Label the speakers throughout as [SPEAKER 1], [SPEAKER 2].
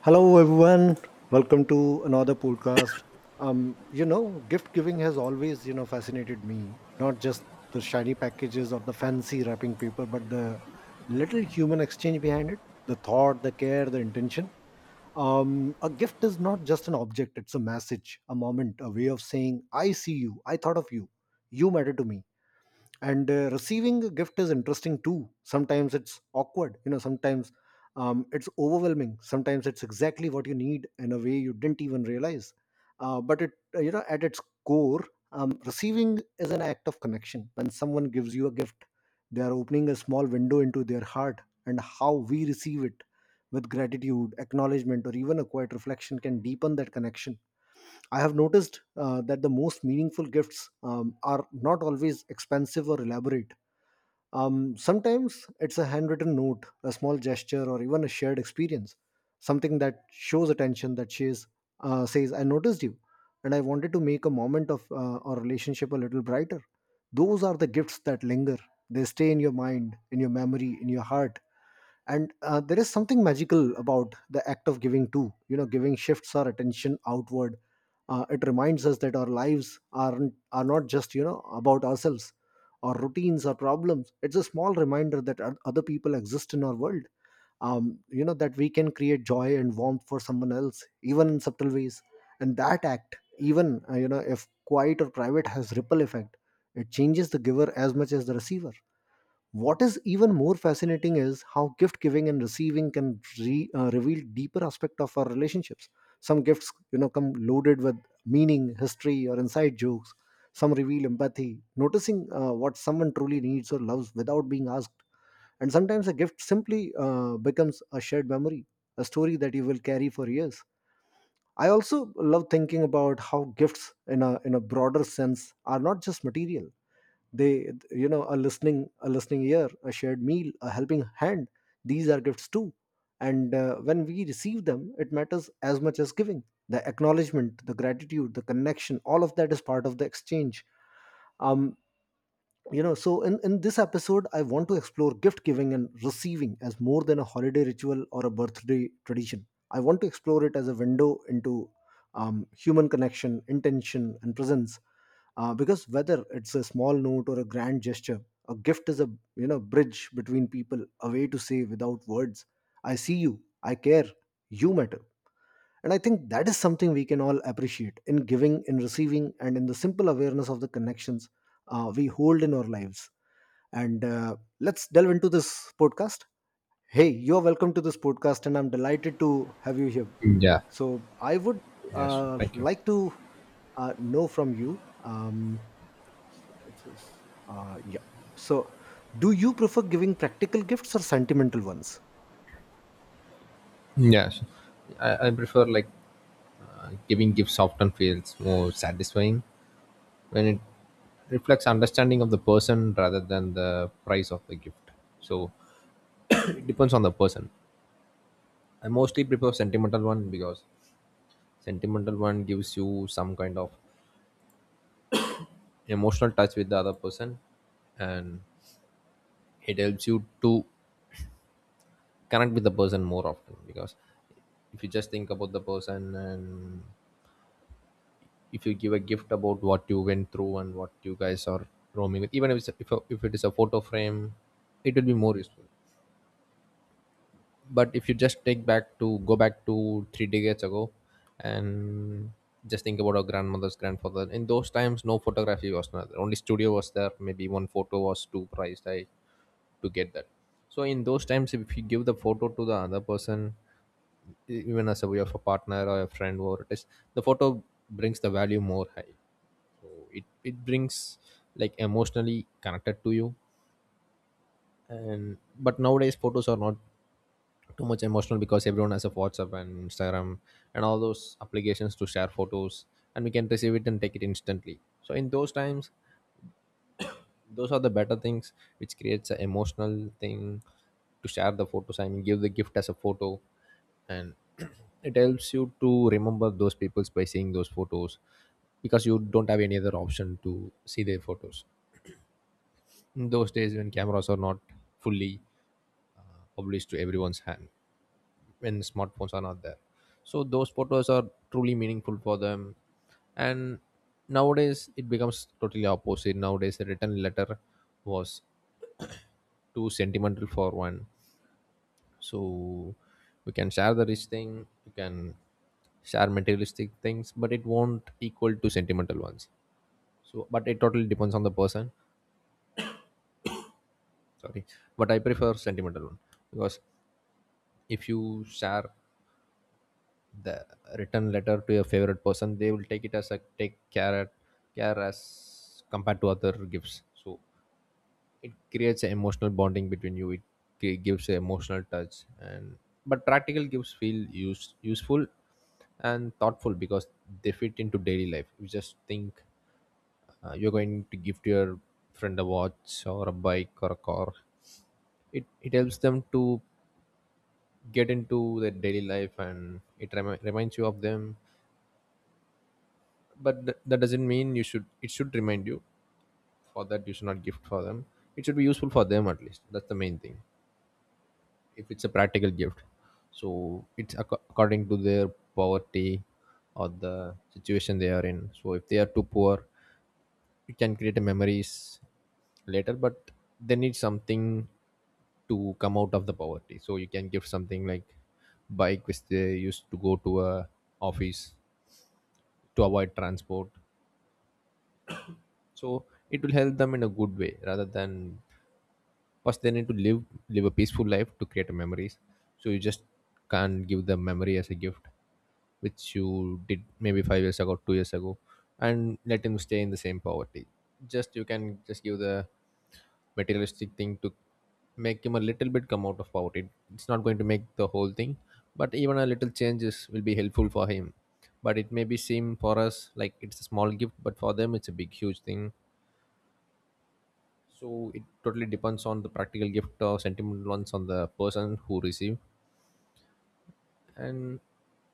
[SPEAKER 1] Hello, everyone. Welcome to another podcast. Gift giving has always fascinated me. Not just the shiny packages or the fancy wrapping paper, but the little human exchange behind it, the thought, the care, the intention. A gift is not just an object, it's a message, a moment, a way of saying, I see you, I thought of you, you matter to me. And Receiving a gift is interesting too. Sometimes it's awkward, sometimes it's overwhelming, sometimes it's exactly what you need in a way you didn't even realize. But it you know At its core, receiving is an act of connection. When someone gives you a gift, they are opening a small window into their heart, and how we receive it, with gratitude, acknowledgement, or even a quiet reflection, can deepen that connection. I have noticed that the most meaningful gifts are not always expensive or elaborate. Sometimes it's a handwritten note, a small gesture, or even a shared experience, something that shows attention, that says, says I noticed you, and I wanted to make a moment of our relationship a little brighter. Those are the gifts that linger. They stay in your mind, in your memory, in your heart, and there is something magical about the act of giving too. Giving shifts our attention outward. It reminds us that our lives are not, just about ourselves, our routines, our problems. It's a small reminder that other people exist in our world, that we can create joy and warmth for someone else even in subtle ways, and that act, even if quiet or private, has ripple effect. It changes the giver as much as the receiver. What is even more fascinating is how gift giving and receiving can reveal deeper aspect of our relationships. Some gifts, come loaded with meaning, history, or inside jokes. Some reveal empathy, noticing what someone truly needs or loves without being asked. And sometimes a gift simply becomes a shared memory, a story that you will carry for years. I also love thinking about how gifts, in a broader sense, are not just material. They you know A listening, ear, a shared meal, a helping hand, these are gifts too. And When we receive them, it matters as much as giving. The acknowledgement, the gratitude, the connection, all of that is part of the exchange. um so, in this episode I want to explore gift giving and receiving as more than a holiday ritual or a birthday tradition. I want to explore it as a window into human connection, intention, and presence, because whether it's a small note or a grand gesture, a gift is a, bridge between people, a way to say without words, I see you, I care, you matter. And I think that is something we can all appreciate, in giving, in receiving, and in the simple awareness of the connections we hold in our lives. And Let's delve into this podcast. Hey, you're welcome to this podcast, and I'm delighted to have you here.
[SPEAKER 2] Yeah.
[SPEAKER 1] So, I would
[SPEAKER 2] Yes. Thank you.
[SPEAKER 1] like to know from you. It says, yeah. So, do you prefer giving practical gifts or sentimental ones?
[SPEAKER 2] Yes. I prefer like giving gifts often feels more satisfying when it reflects understanding of the person rather than the price of the gift. So it depends on the person. I mostly prefer sentimental one, because sentimental one gives you some kind of emotional touch with the other person, and it helps you to connect with the person more often. Because if you just think about the person and if you give a gift about what you went through and what you guys are roaming with, even if it's if it is a photo frame, it will be more useful. But if you just take back to go back to three decades ago and just think about our grandmothers grandfather, in those times no, photography was not there. Only studio was there, maybe one photo was too priced, to get that. So in those times, if you give the photo to the other person, even as a way of a partner or a friend, or it is the photo brings the value more high. It brings like emotionally connected to you. And but nowadays photos are not too much emotional, because everyone has a whatsapp and instagram and all those applications to share photos, and we can receive it and take it instantly. So in those times, those are the better things which creates an emotional thing, to share the photos, I mean give the gift as a photo. And it helps you to remember those peoples by seeing those photos, because you don't have any other option to see their photos in those days, when cameras are not fully obliged to everyone's hand, when smartphones are not there. So those photos are truly meaningful for them. And nowadays it becomes totally opposite. Nowadays a written letter was too sentimental for one. So we can share the rich thing, you can share materialistic things, but it won't equal to sentimental ones. So but it totally depends on the person. Sorry. But I prefer sentimental one, because if you share the written letter to your favorite person, they will take it as a take care care as compared to other gifts. So it creates an emotional bonding between you. It gives an emotional touch. And but practical gifts feel useful and thoughtful, because they fit into daily life. You just think you're going to give to your friend a watch or a bike or a car. It helps them to get into their daily life, and it reminds you of them. But that doesn't mean you should, it should remind you. For that you should not gift for them, it should be useful for them, at least that's the main thing, if it's a practical gift. So it's according to their poverty or the situation they are in. So if they are too poor, you can create a memories later, but they need something to come out of the poverty. So you can give something like bike which they used to go to a office, to avoid transport. So it will help them in a good way, rather than first they need to live live a peaceful life to create memories. So you just can't give them memory as a gift which you did maybe 5 years ago, 2 years ago, and let him stay in the same poverty. Just you can just give the materialistic thing to make him a little bit come out of poverty. It's not going to make the whole thing, but even a little changes will be helpful for him. But it may be seem for us like it's a small gift, but for them it's a big huge thing. So it totally depends on the practical gift or sentimental ones on the person who receive. And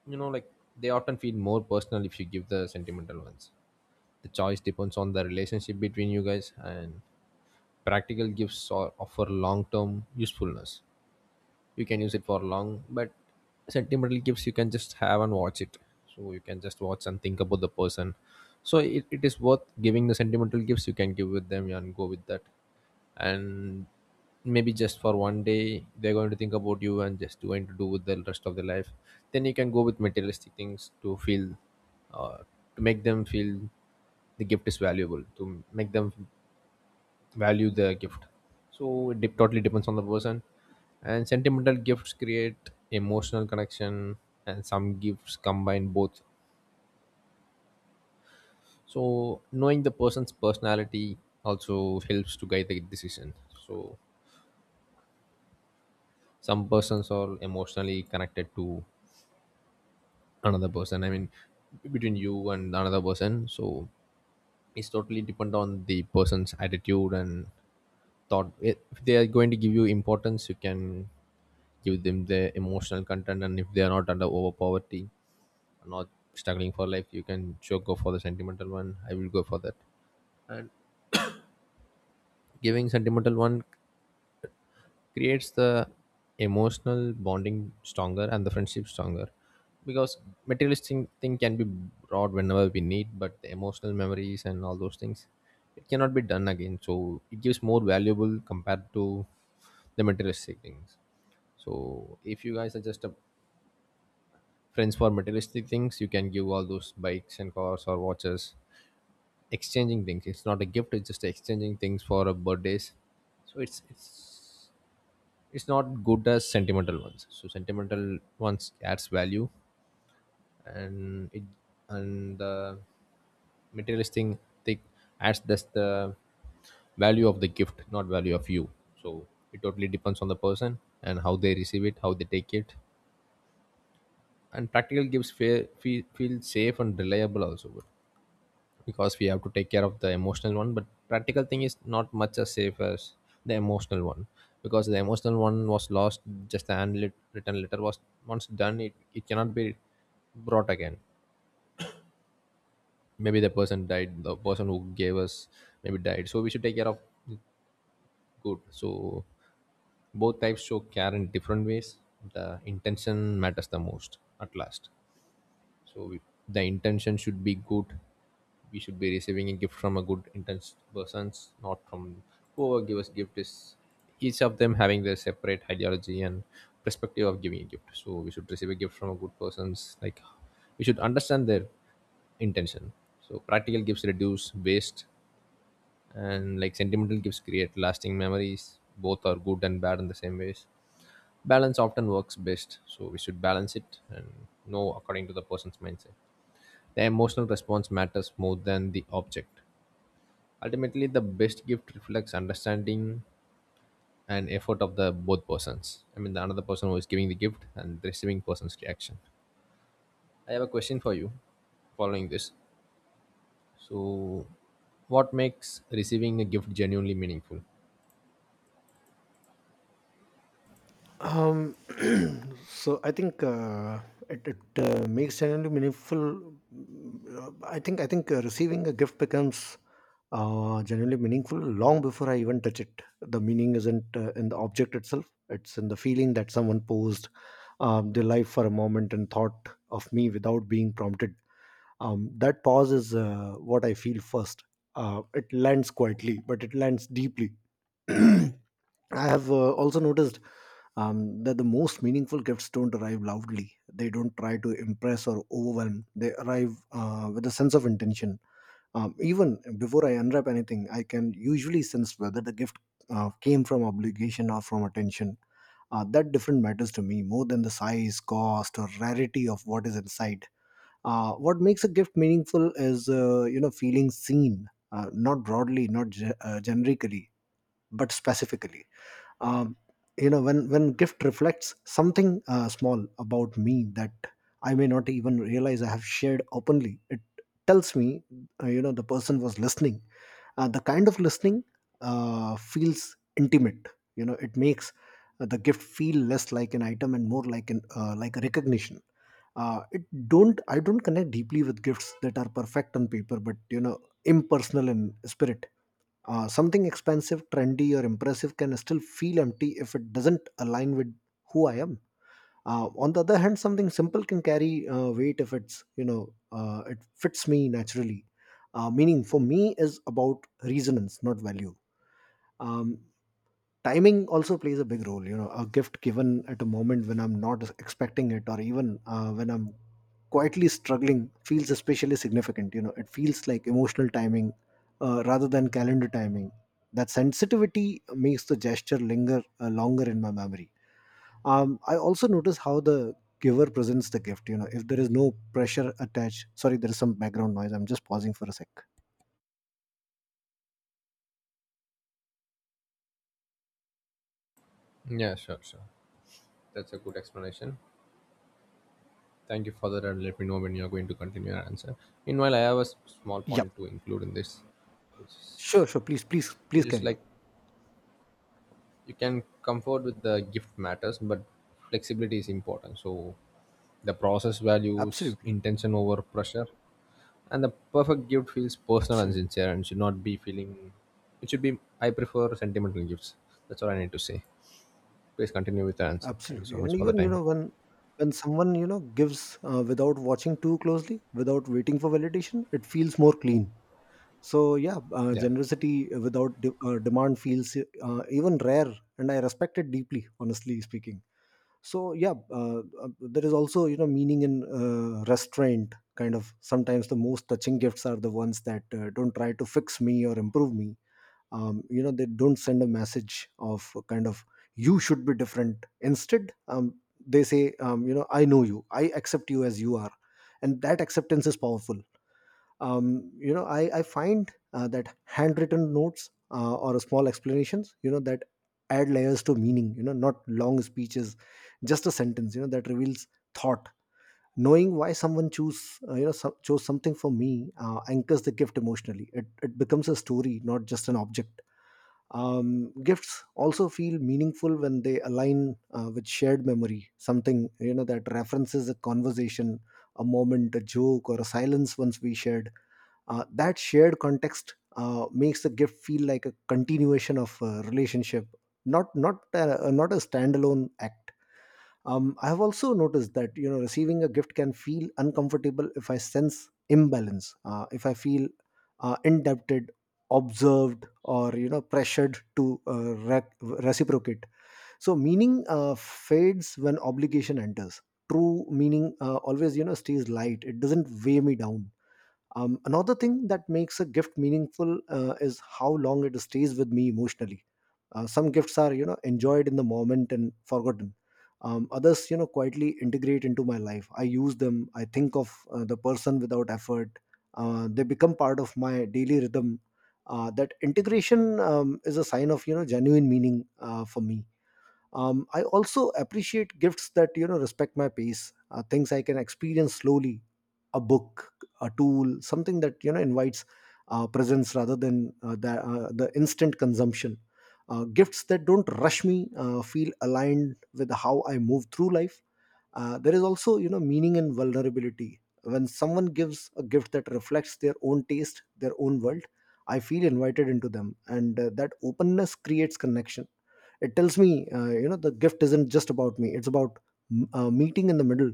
[SPEAKER 2] you know like they often feel more personal if you give the sentimental ones. The choice depends on the relationship between you guys. And practical gifts or offer long-term usefulness, you can use it for long. But sentimental gifts, you can just have and watch it. So you can just watch and think about the person. So it is worth giving the sentimental gifts, you can give with them and go with that. And maybe just for one day they're going to think about you, and just going to do with the rest of their life. Then you can go with materialistic things to feel uh, to make them feel the gift is valuable, to make them value the gift. So it totally depends on the person. And sentimental gifts create emotional connection, and some gifts combine both. So knowing the person's personality also helps to guide the decision. So some persons are emotionally connected to another person, I mean between you and another person. So it's totally depend on the person's attitude and thought. If they are going to give you importance, you can give them the emotional content. And if they are not under over poverty, not struggling for life, you can sure go for the sentimental one. I will go for that. Giving sentimental one creates the emotional bonding stronger and the friendship stronger. Because materialistic thing can be brought whenever we need, but the emotional memories and all those things, it cannot be done again. So it gives more valuable compared to the materialistic things. So if you guys are just a friends for materialistic things, you can give all those bikes and cars or watches. Exchanging things, it's not a gift, it's just exchanging things for a birthdays. So it's it's not good as sentimental ones. So sentimental ones adds value. And it and the materialistic thing adds just the value of the gift, not value of you. So it totally depends on the person, and how they receive it, how they take it. And practical gifts feel safe and reliable also. Because we have to take care of the emotional one, but practical thing is not much as safe as the emotional one. Because the emotional one was lost. Just the handwritten written letter was once done, it cannot be brought again. Maybe the person died, the person who gave us maybe died, so we should take care of good. So both types show care in different ways. The intention matters the most at last. So if the intention should be good. We should be receiving a gift from a good intention persons, not from whoever gives us gift is each of them having their separate ideology and perspective of giving a gift. So we should receive a gift from a good persons. Like we should understand their intention. So practical gifts reduce waste, and like sentimental gifts create lasting memories. Both are good and bad in the same ways. Balance often works best, so we should balance it and know according to the person's mindset. The emotional response matters more than the object. Ultimately, the best gift reflects understanding and effort of the both persons. I mean, the another person who is giving the gift, and the receiving person's reaction. I have a question for you following this. So, what makes receiving a gift genuinely meaningful?
[SPEAKER 1] Um, so I think it makes genuinely meaningful. I think receiving a gift becomes genuinely meaningful long before I even touch it. The meaning isn't in the object itself; it's in the feeling that someone posed their life for a moment and thought of me without being prompted. That pause is what I feel first. It lands quietly, but it lands deeply. I have also noticed that the most meaningful gifts don't arrive loudly. They don't try to impress or overwhelm. They arrive with a sense of intention. Even before I unwrap anything, I can usually sense whether the gift came from obligation or from attention. That different matters to me more than the size, cost, or rarity of what is inside. What makes a gift meaningful is, feeling seen, not broadly, not generically, but specifically. um, when gift reflects something small about me that I may not even realize I have shared openly, it tells me, the person was listening. The kind of listening feels intimate. It makes the gift feel less like an item and more like an like a recognition. It don't I don't connect deeply with gifts that are perfect on paper but, impersonal in spirit. Something expensive, trendy, or impressive can still feel empty if it doesn't align with who I am. On the other hand, something simple can carry weight if it's, it fits me naturally. Meaning for me is about resonance, not value. Um, Timing also plays a big role. A gift given at a moment when I'm not expecting it, or even when I'm quietly struggling, feels especially significant. It feels like emotional timing rather than calendar timing. That sensitivity makes the gesture linger longer in my memory. I also notice how the giver presents the gift. If there is no pressure attached, sorry there is some background noise, I'm just pausing for a sec.
[SPEAKER 2] Yeah, sure, sure. That's a good explanation. Thank you for that, and let me know when you're going to continue your answer. Meanwhile, I have a small
[SPEAKER 1] Yeah,
[SPEAKER 2] point to include in this,
[SPEAKER 1] sure, sure, please, please,
[SPEAKER 2] which
[SPEAKER 1] please
[SPEAKER 2] is
[SPEAKER 1] carry on.
[SPEAKER 2] like you can comfort with the gift matters, but flexibility is important. So the process values
[SPEAKER 1] Absolutely,
[SPEAKER 2] intention over pressure. And the perfect gift feels personal and
[SPEAKER 1] absolutely.
[SPEAKER 2] sincere and should not be feeling. It should be, I prefer sentimental gifts. That's all I need to say. Please continue with the answer, thank you so
[SPEAKER 1] Absolutely.
[SPEAKER 2] much
[SPEAKER 1] And
[SPEAKER 2] for the
[SPEAKER 1] even,
[SPEAKER 2] time.
[SPEAKER 1] when someone, gives without watching too closely, without waiting for validation, it feels more clean. So yeah,
[SPEAKER 2] Yeah.
[SPEAKER 1] generosity without demand feels even rare, and I respect it deeply, honestly speaking. So yeah, there is also, meaning in restraint. Kind of sometimes the most touching gifts are the ones that don't try to fix me or improve me, they don't send a message of kind of, you should be different. Instead, they say, I know you, I accept you as you are, and that acceptance is powerful. I find that handwritten notes or small explanations, that add layers to meaning, not long speeches, just a sentence, that reveals thought. Knowing why someone choose chose something for me anchors the gift emotionally. It becomes a story, not just an object. Gifts also feel meaningful when they align with shared memory, something, that references a conversation, a moment, a joke, or a silence once we shared. That shared context makes the gift feel like a continuation of a relationship, not a standalone act. I have also noticed that, receiving a gift can feel uncomfortable if I sense imbalance, if I feel indebted, observed, or, pressured to reciprocate. So meaning fades when obligation enters. True meaning always, stays light. It doesn't weigh me down. Another thing that makes a gift meaningful is how long it stays with me emotionally. Some gifts are, enjoyed in the moment and forgotten. Others quietly integrate into my life. I use them. I think of the person without effort. They become part of my daily rhythm. That integration is a sign of, genuine meaning for me. I also appreciate gifts that, respect my pace, things I can experience slowly, a book, a tool, something that, invites presence rather than the instant consumption. Gifts that don't rush me feel aligned with how I move through life. There is also, meaning in vulnerability. When someone gives a gift that reflects their own taste, their own world, I feel invited into them, and that openness creates connection. It tells me, the gift isn't just about me, it's about meeting in the middle.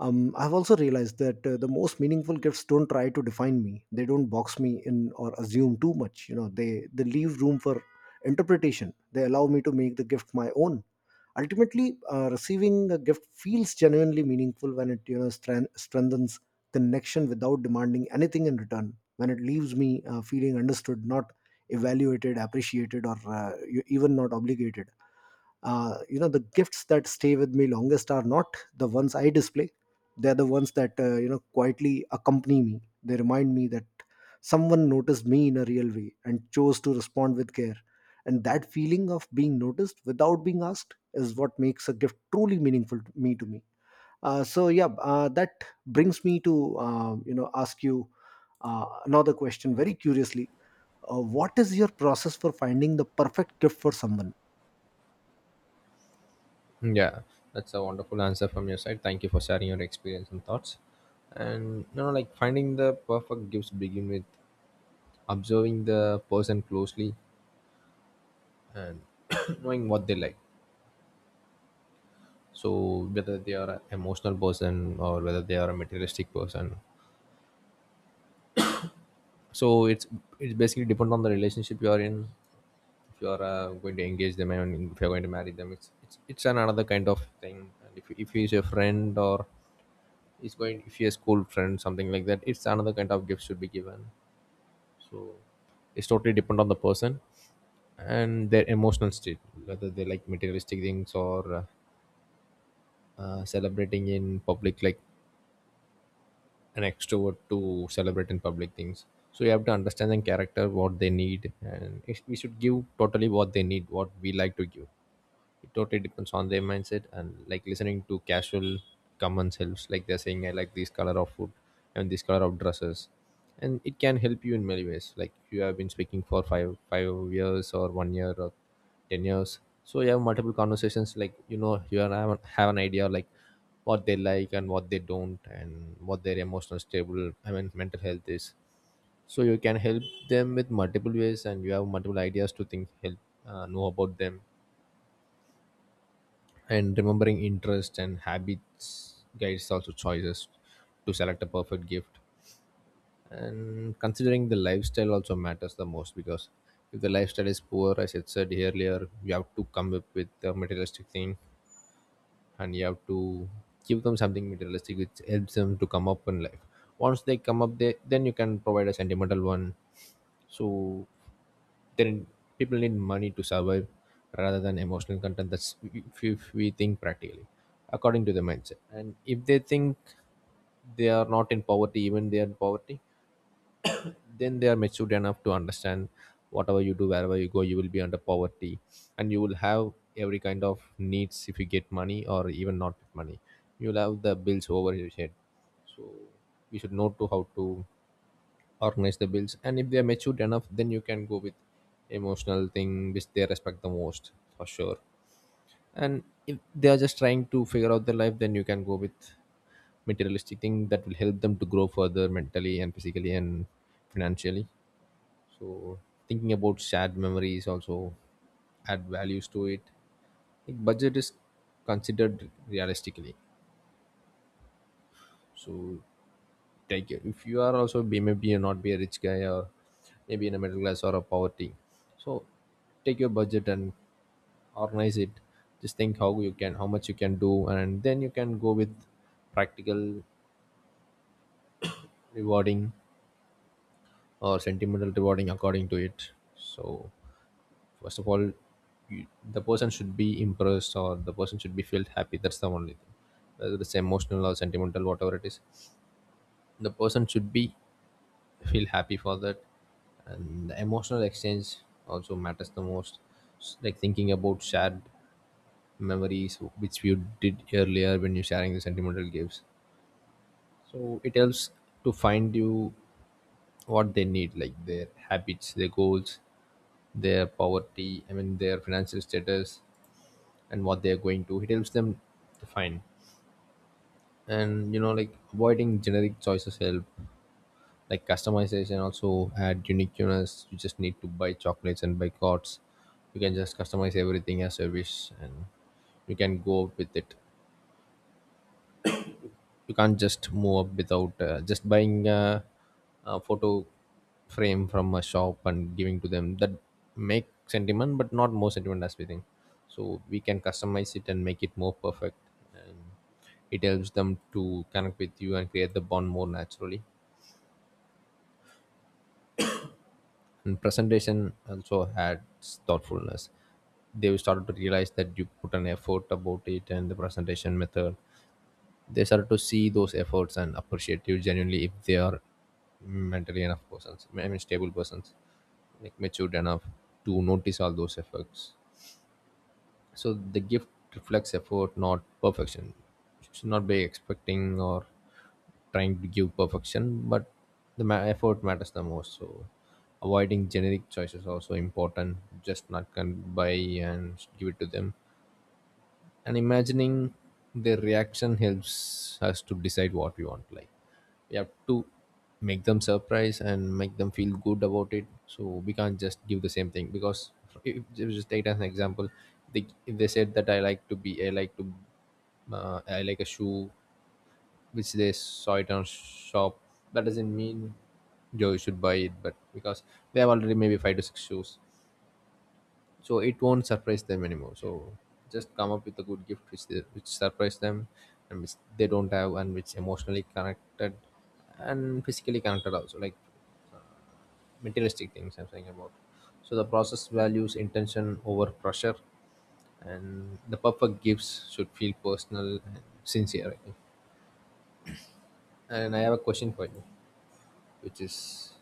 [SPEAKER 1] I've also realized that the most meaningful gifts don't try to define me. They don't box me in or assume too much. You know, they leave room for interpretation. They allow me to make the gift my own. Ultimately, receiving a gift feels genuinely meaningful when it, strengthens connection without demanding anything in return. When it leaves me feeling understood, not evaluated, appreciated, or even not obligated. The gifts that stay with me longest are not the ones I display. They're the ones that quietly accompany me. They remind me that someone noticed me in a real way and chose to respond with care. And that feeling of being noticed without being asked is what makes a gift truly meaningful to me. So yeah, that brings me to ask you another question, very curiously. What is your process for finding the perfect gift for someone?
[SPEAKER 2] Yeah, that's a wonderful answer from your side. Thank you for sharing your experience and thoughts. And like finding the perfect gifts begin with observing the person closely and knowing what they like. So whether they are an emotional person or whether they are a materialistic person, so it's basically depend on the relationship you are in. If you are going to engage them, and if you're going to marry them, it's an another kind of thing. And if he's a friend or he's going if he's a school friend, something like that, it's another kind of gift should be given. So it's totally depend on the person and their emotional state, whether they like materialistic things or celebrating in public, like an extrovert to celebrate in public things. So you have to understand the character what they need, and if we should give totally what they need what we like to give. It totally depends on their mindset, and like listening to casual comments helps, like they're saying I like this color of food and this color of dresses. And it can help you in many ways, like you have been speaking for five years or one year or 10 years, so you have multiple conversations like you are- have an idea, like what they like and what they don't, and what their emotional stable I mean mental health is. So you can help them with multiple ways, and you have multiple ideas to think help know about them. And remembering interests and habits guides also choices to select a perfect gift. And considering the lifestyle also matters the most, because if the lifestyle is poor, as it said earlier, you have to come up with a materialistic thing. And you have to give them something materialistic which helps them to come up in life. Once they come up, they then you can provide a sentimental one. So then people need money to survive rather than emotional content, that's if we think practically, according to the mindset. And if they think they are not in poverty, even they are in poverty, then they are matured enough to understand whatever you do wherever you go, you will be under poverty. And you will have every kind of needs if you get money or even not get money, you'll have the bills over your head. So you should know to how to organize the bills, and if they are matured enough, then you can go with emotional thing which they respect the most, for sure. And if they are just trying to figure out their life, then you can go with materialistic thing that will help them to grow further mentally and physically and financially. So thinking about shared memories also add values to it. Like, budget is considered realistically. So take it, if you are also be maybe you not be a rich guy or maybe in a middle class or a poverty. So take your budget and organize it. Just think how much you can do, and then you can go with practical rewarding or sentimental rewarding according to it. So first of all, you, the person should be impressed or the person should be felt happy, that's the only thing. Whether it's emotional or sentimental, whatever it is, the person should be feel happy for that. And the emotional exchange also matters the most. Like thinking about shared memories which you did earlier when you're sharing the sentimental gifts, so it helps to find you what they need, like their habits, their goals, their poverty I mean their financial status, and what they're going to it helps them to find. And avoiding generic choices help, like customization also add uniqueness. You just need to buy chocolates and buy cards, you can just customize everything as you wish, and you can go out with it. You can't just move up without just buying a photo frame from a shop and giving to them, that make sentiment but not more sentiment as we think. So we can customize it and make it more perfect. And it helps them to connect with you and create the bond more naturally. And presentation also had thoughtfulness. They started to realize that you put an effort about it and the presentation method, they start to see those efforts and appreciate you genuinely if they are mentally enough persons I mean stable persons, like matured enough to notice all those efforts. So the gift reflects effort not perfection. You should not be expecting or trying to give perfection, but the effort matters the most. So avoiding generic choices also important, just not can buy and give it to them. And imagining their reaction helps us to decide what we want, like we have to make them surprised and make them feel good about it. So we can't just give the same thing, because if just take as an example, if they said that I like to be I like to I like a shoe which they saw it on shop, that doesn't mean Joe should buy it, but because they have already maybe five to six shoes, so it won't surprise them anymore. So just come up with a good gift which surprise them, and which they don't have, and which emotionally connected and physically connected also, like uh, materialistic things I'm saying about. So the process values intention over pressure, and the perfect gifts should feel personal and sincere, I think. And I have a question for you, which is,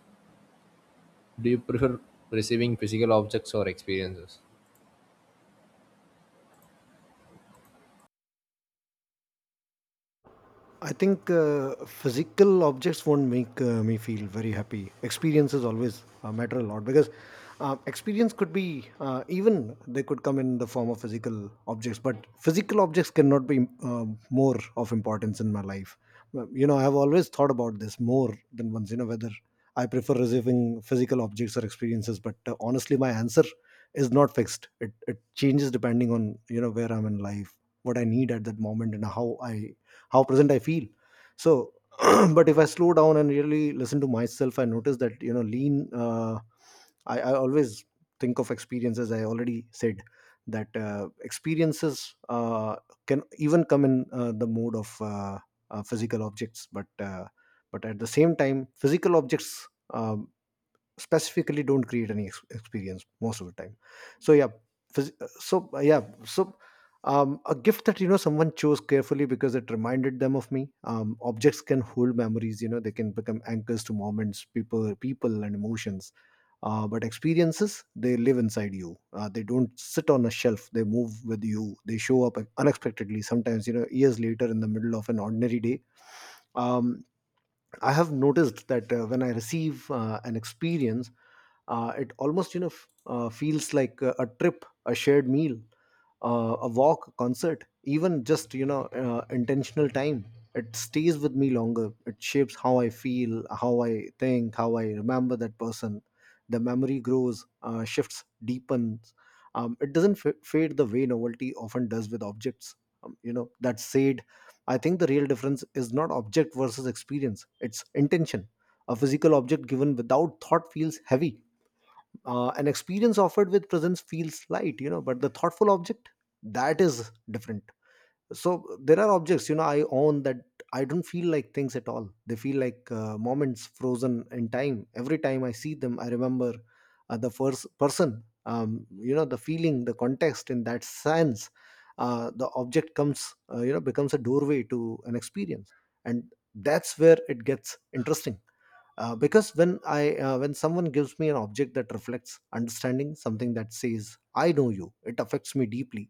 [SPEAKER 2] do you prefer receiving physical objects or experiences?
[SPEAKER 1] I think physical objects won't make me feel very happy. Experiences always matter a lot, because experience could be, even they could come in the form of physical objects, but physical objects cannot be more of importance in my life. Well, you know, I have always thought about this more than once. You know, whether I prefer receiving physical objects or experiences, but honestly, my answer is not fixed. It changes depending on, you know, where I'm in life, what I need at that moment, and how present I feel. So. But if I slow down and really listen to myself, I notice that, you know, lean I always think of experiences. I already said that experiences can even come in the mode of physical objects, but at the same time, physical objects um specifically don't create any experience most of the time. So yeah. phys- so, yeah. So, a gift that, you know, someone chose carefully because it reminded them of me. Objects can hold memories, you know. They can become anchors to moments, people, and emotions. But experiences, they live inside you. They don't sit on a shelf. They move with you. They show up unexpectedly, sometimes, you know, years later, in the middle of an ordinary day. um, I have noticed that when I receive an experience, it almost, you know, feels like a trip, a shared meal, a walk, a concert, even just, you know, intentional time. It stays with me longer. It shapes how I feel, how I think, how I remember that person. The memory grows, shifts, deepens. It doesn't fade the way novelty often does with objects. You know, that said, I think the real difference is not object versus experience, it's intention. A physical object given without thought feels heavy. An experience offered with presence feels light, you know, but the thoughtful object, that is different. So there are objects, you know, I own that I don't feel like things at all. They feel like moments frozen in time. Every time I see them, I remember the first person, you know, the feeling, the context, in that sense. The object comes, becomes a doorway to an experience. And that's where it gets interesting. Because when someone gives me an object that reflects understanding, something that says, I know you, it affects me deeply.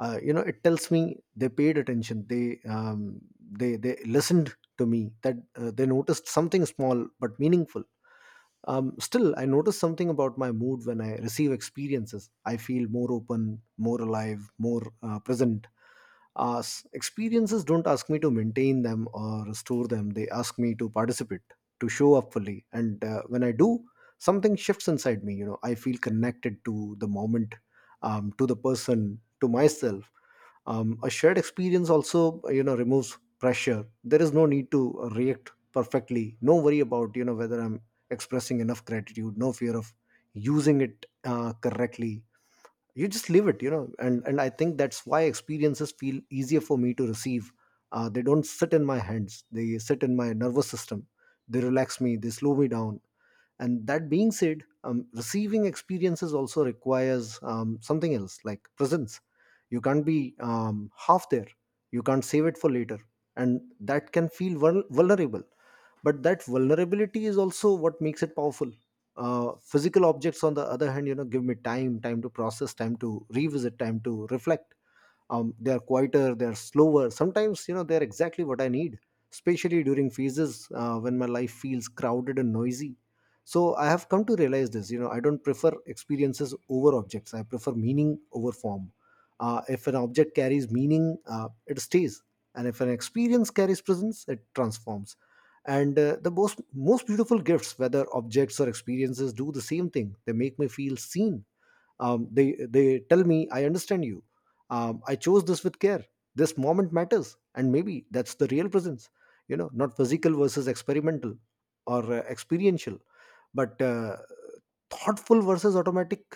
[SPEAKER 1] It tells me they paid attention. They listened to me, that they noticed something small but meaningful. Still, I notice something about my mood. When I receive experiences, I feel more open, more alive, more, present. Experiences don't ask me to maintain them or store them. They ask me to participate, to show up fully. And when I do, something shifts inside me. You know, I feel connected to the moment, to the person, to myself. A shared experience also, you know, removes pressure. There is no need to react perfectly, no worry about, you know, whether I'm expressing enough gratitude, no fear of using it correctly. You just live it, you know. And I think that's why experiences feel easier for me to receive. They don't sit in my hands, they sit in my nervous system. They relax me, they slow me down. And that being said, receiving experiences also requires something else, like presence. You can't be half there. You can't save it for later. And that can feel vulnerable. But that vulnerability is also what makes it powerful. Physical objects, on the other hand, you know, give me time. Time to process, time to revisit, time to reflect. They are quieter, they are slower. Sometimes, you know, they are exactly what I need, especially during phases when my life feels crowded and noisy. So I have come to realize this, you know. I don't prefer experiences over objects, I prefer meaning over form. If an object carries meaning, it stays. And if an experience carries presence, it transforms. And, the most beautiful gifts, whether objects or experiences, do the same thing. They make me feel seen. They tell me, I understand you. I chose this with care. This moment matters. And maybe that's the real presence. You know, not physical versus experimental, or experiential, but thoughtful versus automatic.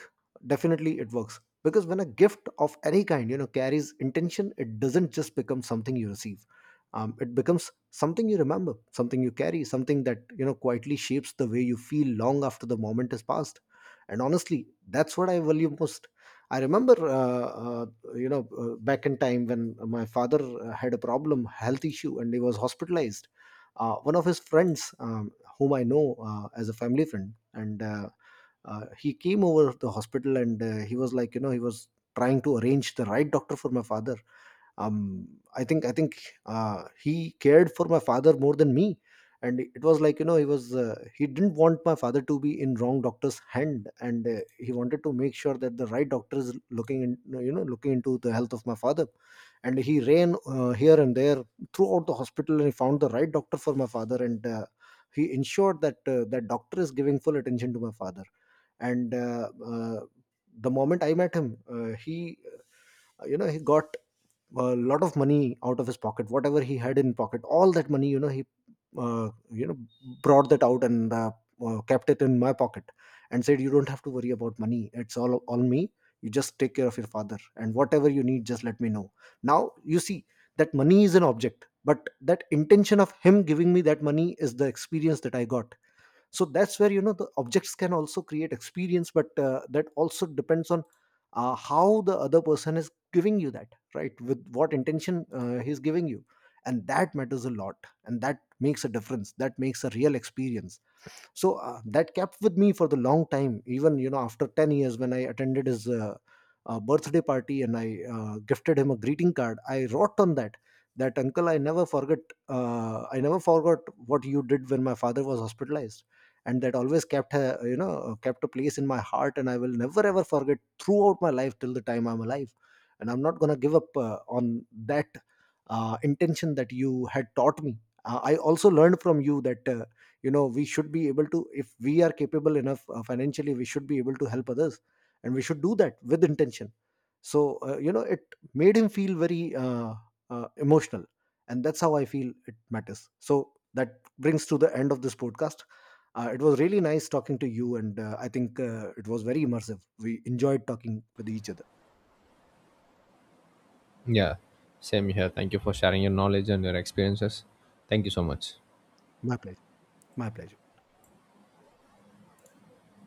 [SPEAKER 1] Definitely it works, because when a gift of any kind, you know, carries intention, it doesn't just become something you receive. It becomes something you remember, something you carry, something that, you know, quietly shapes the way you feel long after the moment has passed. And honestly, that's what I value most. I remember, back in time, when my father had a problem, health issue, and he was hospitalized. One of his friends, whom I know as a family friend, and he came over to the hospital. And he was like, you know, he was trying to arrange the right doctor for my father. um I think, he cared for my father more than me. And it was like, you know, he didn't want my father to be in wrong doctor's hand. And he wanted to make sure that the right doctor is looking in you know looking into the health of my father. And he ran, here and there, throughout the hospital, and he found the right doctor for my father. And he ensured that that doctor is giving full attention to my father. And uh, the moment I met him, he you know he got a lot of money out of his pocket, whatever he had in pocket, all that money, you know, he, uh, you know brought that out, and kept it in my pocket. And said, you don't have to worry about money, it's all me. You just take care of your father, and whatever you need, just let me know. Now you see, that money is an object, but that intention of him giving me that money is the experience that I got. So that's where, you know, the objects can also create experience. But that also depends on how the other person is giving you that, right, with what intention he's giving you. And that matters a lot. And that makes a difference. That makes a real experience. So that kept with me for the long time. Even, you know, after 10 years, when I attended his birthday party, and I gifted him a greeting card, I wrote on that, that, uncle, I never forget. I never forgot what you did when my father was hospitalized. And that always kept a place in my heart. And I will never ever forget throughout my life, till the time I'm alive. And I'm not going to give up, on that intention that you had taught me. I also learned from you that, we should be able to, if we are capable enough financially, we should be able to help others. And we should do that with intention. So, it made him feel very, emotional. And that's how I feel it matters. So that brings to the end of this podcast. It was really nice talking to you. And I think it was very immersive. We enjoyed talking with each other.
[SPEAKER 2] Yeah, same here. Thank you for sharing your knowledge and your experiences. Thank you so much.
[SPEAKER 1] My pleasure. My pleasure.